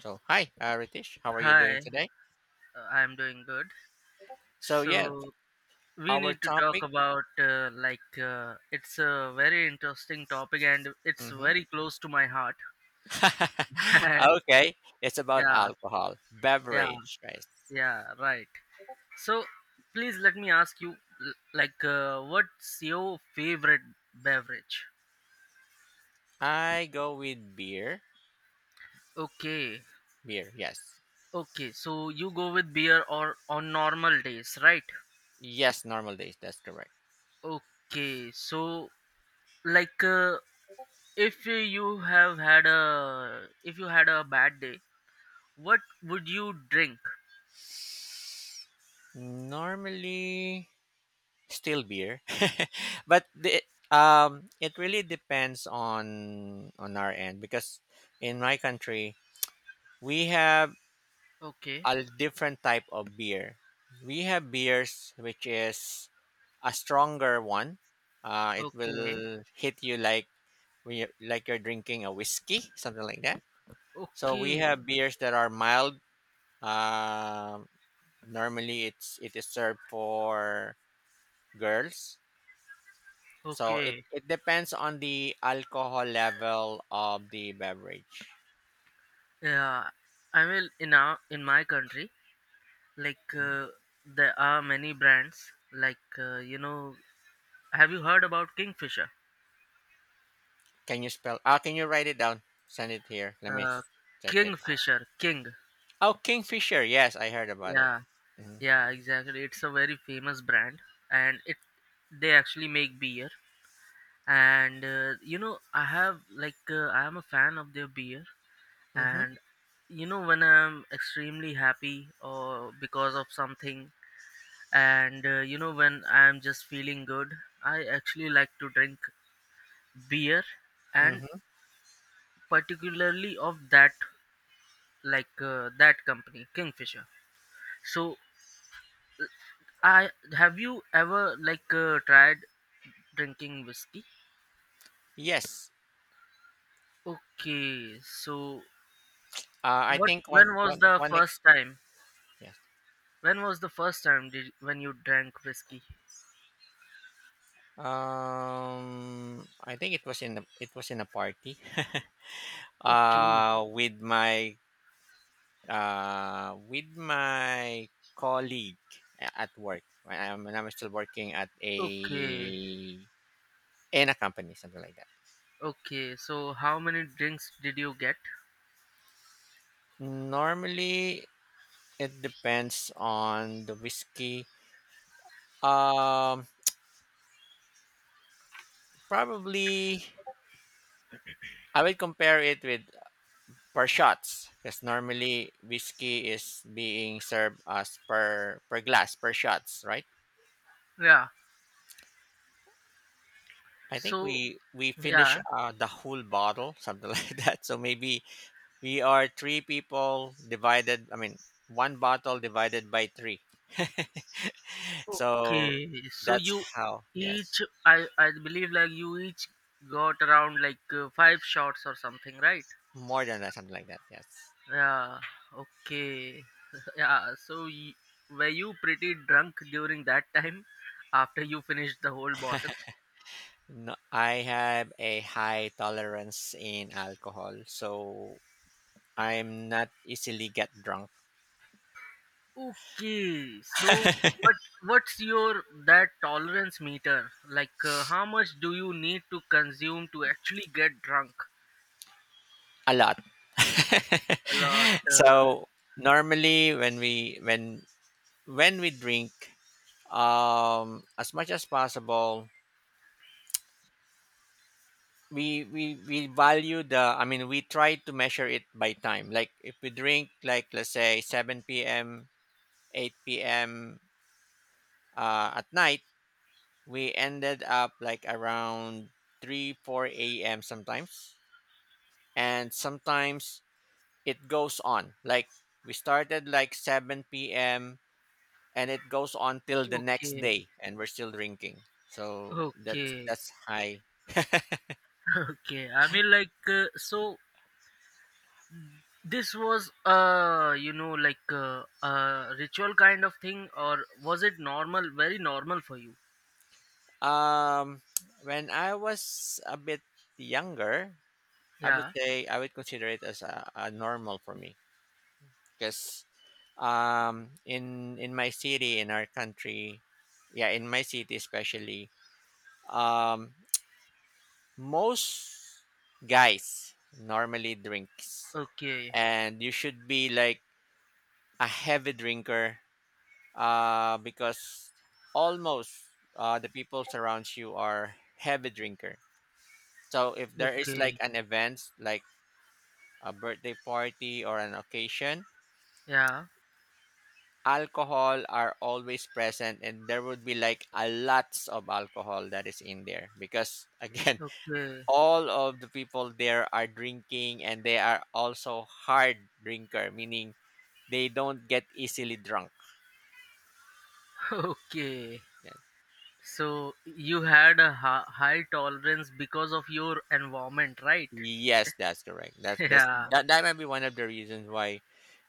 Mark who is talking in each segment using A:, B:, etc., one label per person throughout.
A: So, hi, Ritesh, how are you
B: Hi,
A: doing today?
B: I'm doing good.
A: So, yeah,
B: So we
A: our
B: need to talk
A: topic.
B: about it's a very interesting topic and it's
A: Hmm.
B: very close to my heart.
A: Okay, it's about
B: yeah,
A: alcohol,
B: yeah,
A: beverage, right?
B: yeah, right. So please let me ask you, what's your favorite beverage?
A: I go with beer.
B: Okay.
A: Beer, yes.
B: Okay, so you go with beer or on normal days, right?
A: Yes, normal days, that's correct.
B: Okay, so like uh, if you have had a if you had a bad day, what would you drink?
A: Normally, still beer, but it really depends on our end, because in my country we have
B: Okay,
A: a different type of beer. We have beers which is a stronger one. It
B: okay,
A: will hit you like when like you're drinking a whiskey, something like that. So we
B: okay,
A: have beers that are mild. Um Normally, it is served for girls. So
B: okay,
A: it depends on the alcohol level of the beverage.
B: yeah. I will in our In my country, like
A: Hmm?
B: uh, there are many brands, have you heard about Kingfisher?
A: Can you spell? Ah, can you write it down? Send it here. Let me
B: uh,
A: check it.
B: Kingfisher, king
A: Oh, Kingfisher. Yes, I heard about it.
B: yeah.
A: Mhm.
B: Yeah, exactly, it's a very famous brand, and it they actually make beer. And I have, I am a fan of their beer.
A: Mhm.
B: And you know, when I'm extremely happy or because of something, and when I'm just feeling good, I actually like to drink beer, and
A: Mhm.
B: particularly of that, that company, Kingfisher. So I have you ever tried drinking whiskey?
A: Yes.
B: Okay, so
A: I
B: what
A: think
B: when was the first time?
A: yes.
B: When was the first time did When you drank whiskey?
A: I think it was in a party.
B: Okay,
A: With my with my colleague at work. When I'm still working at a
B: okay,
A: in a company, something like that.
B: okay. So how many drinks did you get?
A: Normally, it depends on the whiskey. Um, Probably. I will compare it with per shots, because normally whiskey is being served as per glass per shots, right?
B: Yeah.
A: I think
B: So
A: we finish
B: yeah.
A: the whole bottle, something like that. So maybe we are three people divided. I mean, one bottle divided by three. So
B: Okay. So
A: that's
B: you
A: how. Yes,
B: each, I believe like you each got around five shots or something, right?
A: more than that, something like that. Yes.
B: Yeah. Okay. Yeah. Were you pretty drunk during that time after you finished the whole bottle?
A: No, I have a high tolerance in alcohol, so I'm not easily get drunk
B: Okay, so what what's your that tolerance meter? How much do you need to consume to actually get drunk?
A: a lot.
B: A lot.
A: So normally when we drink as much as possible, we value the I mean, we try to measure it by time, like if we drink, like let's say 7 p.m, 8 p.m, at night, we ended up like around 3 4 a.m sometimes, and sometimes it goes on. Like we started like 7 p.m. and it goes on till the next
B: Okay,
A: day, and we're still drinking. So
B: okay,
A: that's high.
B: okay. I mean, so. This was a ritual kind of thing, or was it normal? Very normal for you?
A: Um when I was a bit younger, I would
B: Yeah.
A: say I would consider it as a normal for me, because in my city in our country, yeah, in my city especially, um most guys normally drinks,
B: Okay.
A: and you should be like a heavy drinker, because almost the people surrounds you are heavy drinker. So if there is like
B: Okay.
A: an event like a birthday party or an occasion,
B: Yeah.
A: alcohol are always present, and there would be like a lots of alcohol that is in there, because again
B: Okay.
A: all of the people there are drinking, and they are also hard drinker, meaning they don't get easily drunk.
B: Okay.
A: Yeah,
B: So you had a high tolerance because of your environment, right?
A: yes, that's correct. That's that's
B: Yeah,
A: that that might be one of the reasons why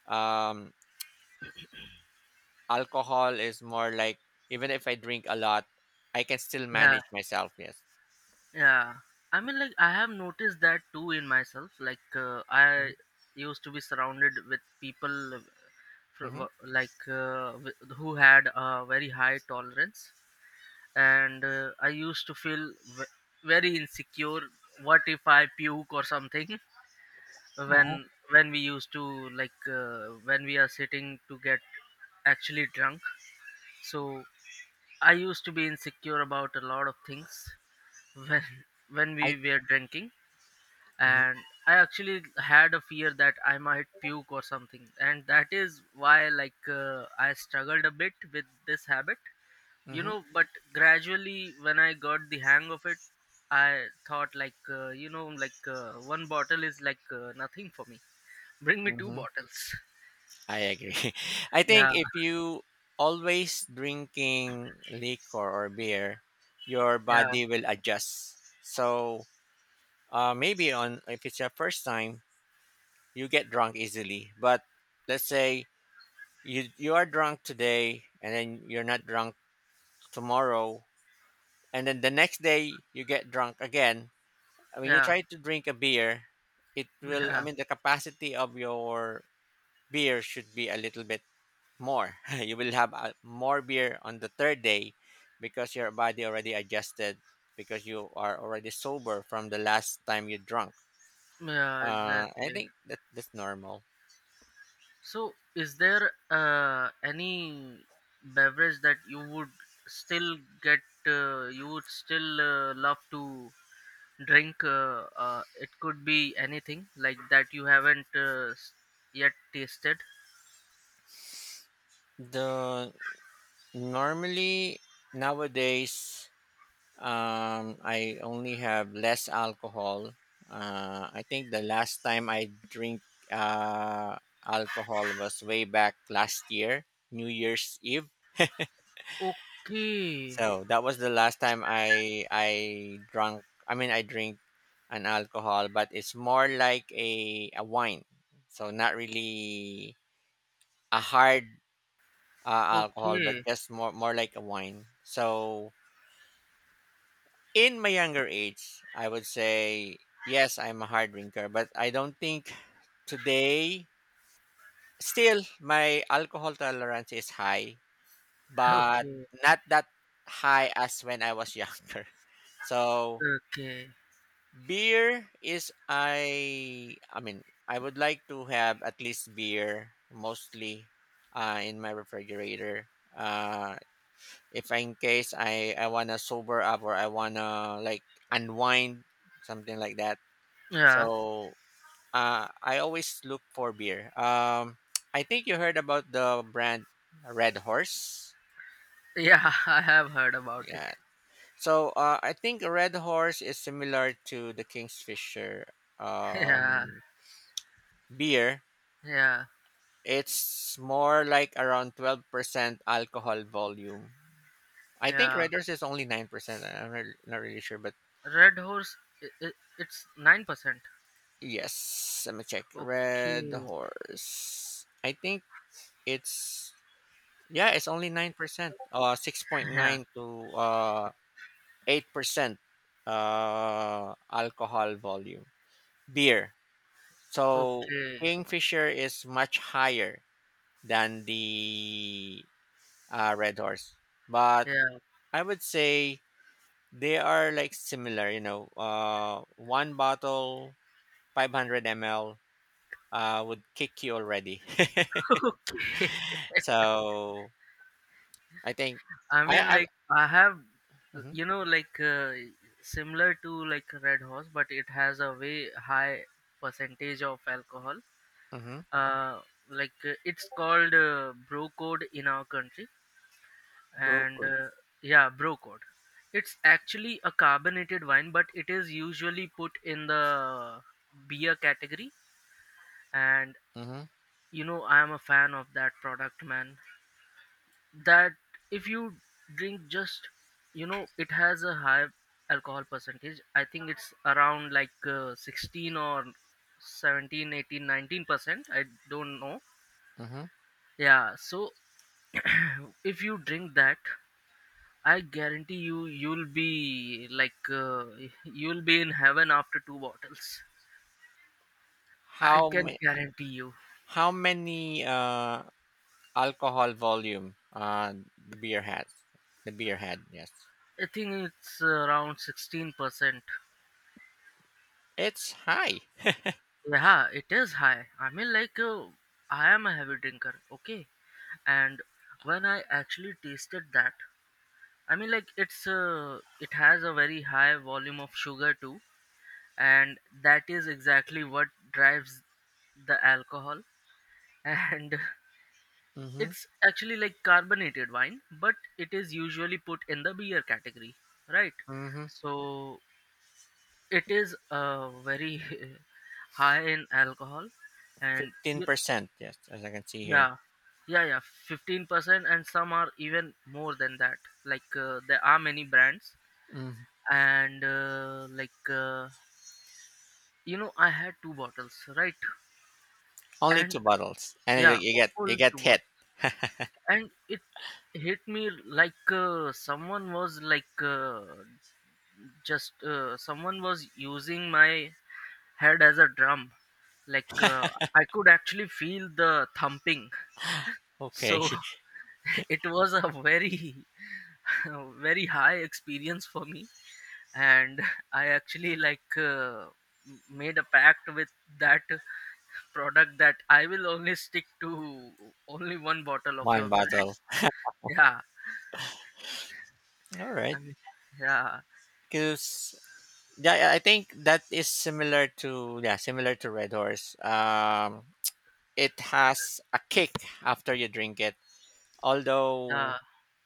A: um alcohol is more like, even if I drink a lot, I can still
B: yeah,
A: manage myself. Yes.
B: yeah. I mean, like I have noticed that too in myself. I
A: Hmm.
B: used to be surrounded with people,
A: Hmm.
B: who had a very high tolerance, and I used to feel very insecure. What if I puke or something
A: Hmm.
B: when we used to, when we are sitting to get actually drunk. So I used to be insecure about a lot of things when, when we
A: I
B: were drinking,
A: Hmm.
B: and I actually had a fear that I might puke or something, and that is why, I struggled a bit with this habit, you
A: Hmm.
B: know. But gradually, when I got the hang of it, I thought, one bottle is nothing for me, bring me two
A: Hmm.
B: bottles.
A: I agree. I think
B: yeah
A: if you always drinking liquor or beer, your
B: yeah
A: body will adjust. So maybe on if it's your first time, you get drunk easily. But let's say you are drunk today, and then you're not drunk tomorrow, and then the next day you get drunk again. I mean, you
B: yeah
A: try to drink a beer, it will, I
B: yeah,
A: mean, the capacity of your beer should be a little bit more. You will have more beer on the third day, because your body already adjusted, because you are already sober from the last time you drunk.
B: yeah,
A: I
B: exactly.
A: think that's normal.
B: So, is there any beverage that you would still get, you would still love to drink? It could be anything like that you haven't yet tasted.
A: The Normally, nowadays, I only have less alcohol. I think the last time I drink uh, alcohol was way back last year, New Year's Eve.
B: Okay,
A: So that was the last time I drank. I mean, I drink an alcohol, but it's more like a wine. So not really a hard alcohol, but
B: okay,
A: just more like a wine. So in my younger age, I would say yes, I'm a hard drinker, but I don't think today still my alcohol tolerance is high, but
B: okay,
A: not that high as when I was younger. So
B: okay.
A: beer is I mean, I would like to have at least beer mostly in my refrigerator. Uh, if in case I wanna sober up, or I wanna like unwind, something like that.
B: Yeah,
A: So I always look for beer. I think you heard about the brand Red Horse.
B: yeah, I have heard about it.
A: Yeah. So I think Red Horse is similar to the Kingfisher
B: Yeah,
A: um, beer.
B: yeah,
A: It's more like around 12% alcohol volume. I think
B: yeah.
A: Red Horse is only 9%. Not really sure, but
B: Red Horse, I it's 9%.
A: yes. Let me check. Red
B: Okay,
A: Horse. I think it's yeah, it's only 9%.
B: yeah,
A: 6.9 to 8% alcohol volume. Beer. So
B: okay.
A: Kingfisher is much higher than the Red Horse. But
B: Yeah.
A: I would say they are like similar, you know. One bottle, 500 ml, would kick you already.
B: Okay.
A: So I think.
B: I mean,
A: I
B: like I have,
A: Mhm.
B: you know, similar to like Red Horse, but it has a way high percentage of alcohol.
A: Mhm.
B: Uh, it's called Bro Code in our country, and
A: Brookwood.
B: yeah, Bro Code. It's actually a carbonated wine, but it is usually put in the beer category, and
A: Mhm.
B: you know, I am a fan of that product, man. That If you drink just, you know, it has a high alcohol percentage. I think it's around 16 or 17, 18, 19%, I don't know.
A: Mhm.
B: Yeah, so if you drink that, I guarantee you you'll be you'll be in heaven after two bottles, I
A: How
B: can
A: ma-
B: guarantee you.
A: how many alcohol volume the beer has? The beer had, yes.
B: I think it's around 16%.
A: It's high.
B: Yeah, it is high. I mean, I am a heavy drinker, okay, and when I actually tasted that, I mean, like it's it has a very high volume of sugar too, and that is exactly what drives the alcohol. And
A: Mm-hmm.
B: it's actually like carbonated wine, but it is usually put in the beer category, right?
A: Mm-hmm.
B: So it is very high in alcohol. and
A: Fifteen
B: y-
A: percent, yes, as I can see here.
B: yeah, yeah, yeah, 15%, and some are even more than that. There are many brands,
A: Mm.
B: and you know, I had two bottles, right?
A: Only
B: And
A: two bottles, and
B: yeah, all
A: you
B: two
A: get hit.
B: bottles, and it hit me someone was like just someone was using my head as a drum, like uh, I could actually feel the thumping.
A: Okay.
B: So it was a very very high experience for me, and I actually, made a pact with that product that I will only stick to only one bottle of
A: One
B: your brand.
A: bottle.
B: Yeah,
A: All right,
B: I mean, yeah,
A: because yeah, I think that is similar to, yeah, similar to Red Horse. It has a kick after you drink it.
B: yeah,
A: Although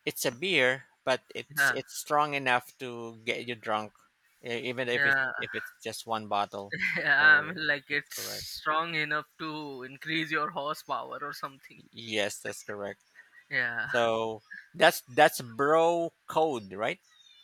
A: it's a beer, but
B: yeah,
A: it's strong enough to get you drunk, even
B: yeah,
A: if it's just one bottle.
B: yeah. I
A: So
B: mean, like
A: that's
B: it's
A: correct.
B: strong enough to increase your horsepower or something.
A: Yes, that's correct.
B: Yeah,
A: So that's bro code, right?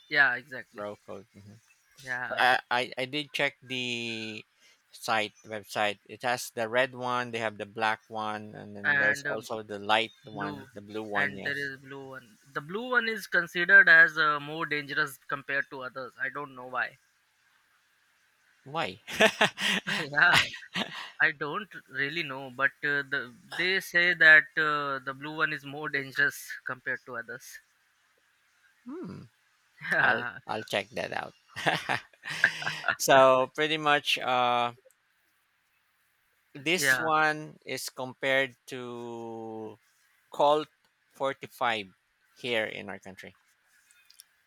B: yeah, exactly.
A: Bro code. Hmm.
B: Yeah,
A: I did check the site website. It has the red one. They have the black one, and then there's
B: and
A: also the light
B: blue,
A: one, the blue one.
B: and there
A: Yes.
B: is blue one. The blue one is considered as more dangerous compared to others. I don't know why.
A: Why?
B: Yeah. I don't really know, but they say that the blue one is more dangerous compared to others.
A: Hmm. I'll
B: Yeah,
A: I'll check that out. So pretty much, this
B: yeah.
A: one is compared to Colt 45 here in our country.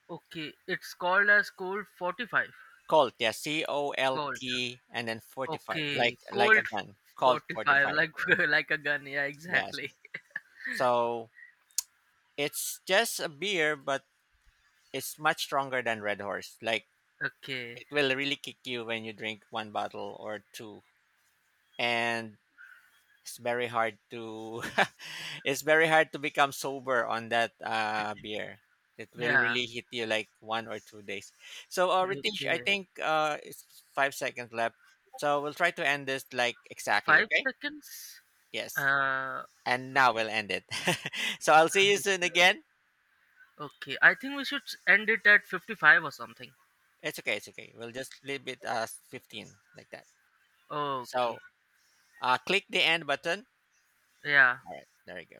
B: Okay, it's called as Colt 45.
A: Colt, yeah, C O L
B: Colt.
A: T, and then 45,
B: Okay,
A: like a
B: Colt
A: gun. Colt
B: 45,
A: 45,
B: like
A: yes,
B: like a gun. Yeah,
A: yes.
B: exactly.
A: So it's just a beer, but it's much stronger than Red Horse. Like
B: Okay.
A: it will really kick you when you drink one bottle or two, and It's very hard to it's very hard to become sober on that beer. It will
B: Yeah.
A: really hit you like 1 or 2 days. So, Ritesh, I
B: Okay.
A: think it's 5 seconds left. So we'll try to end this like exactly,
B: Five
A: okay?
B: seconds.
A: Yes.
B: Uh.
A: And now we'll end it. So I'll see you soon again.
B: Okay. I think we should end it at 55 or something.
A: It's okay. It's okay. We'll just leave it as 15 like that.
B: Okay.
A: So click the end button.
B: Yeah.
A: All right. There you go.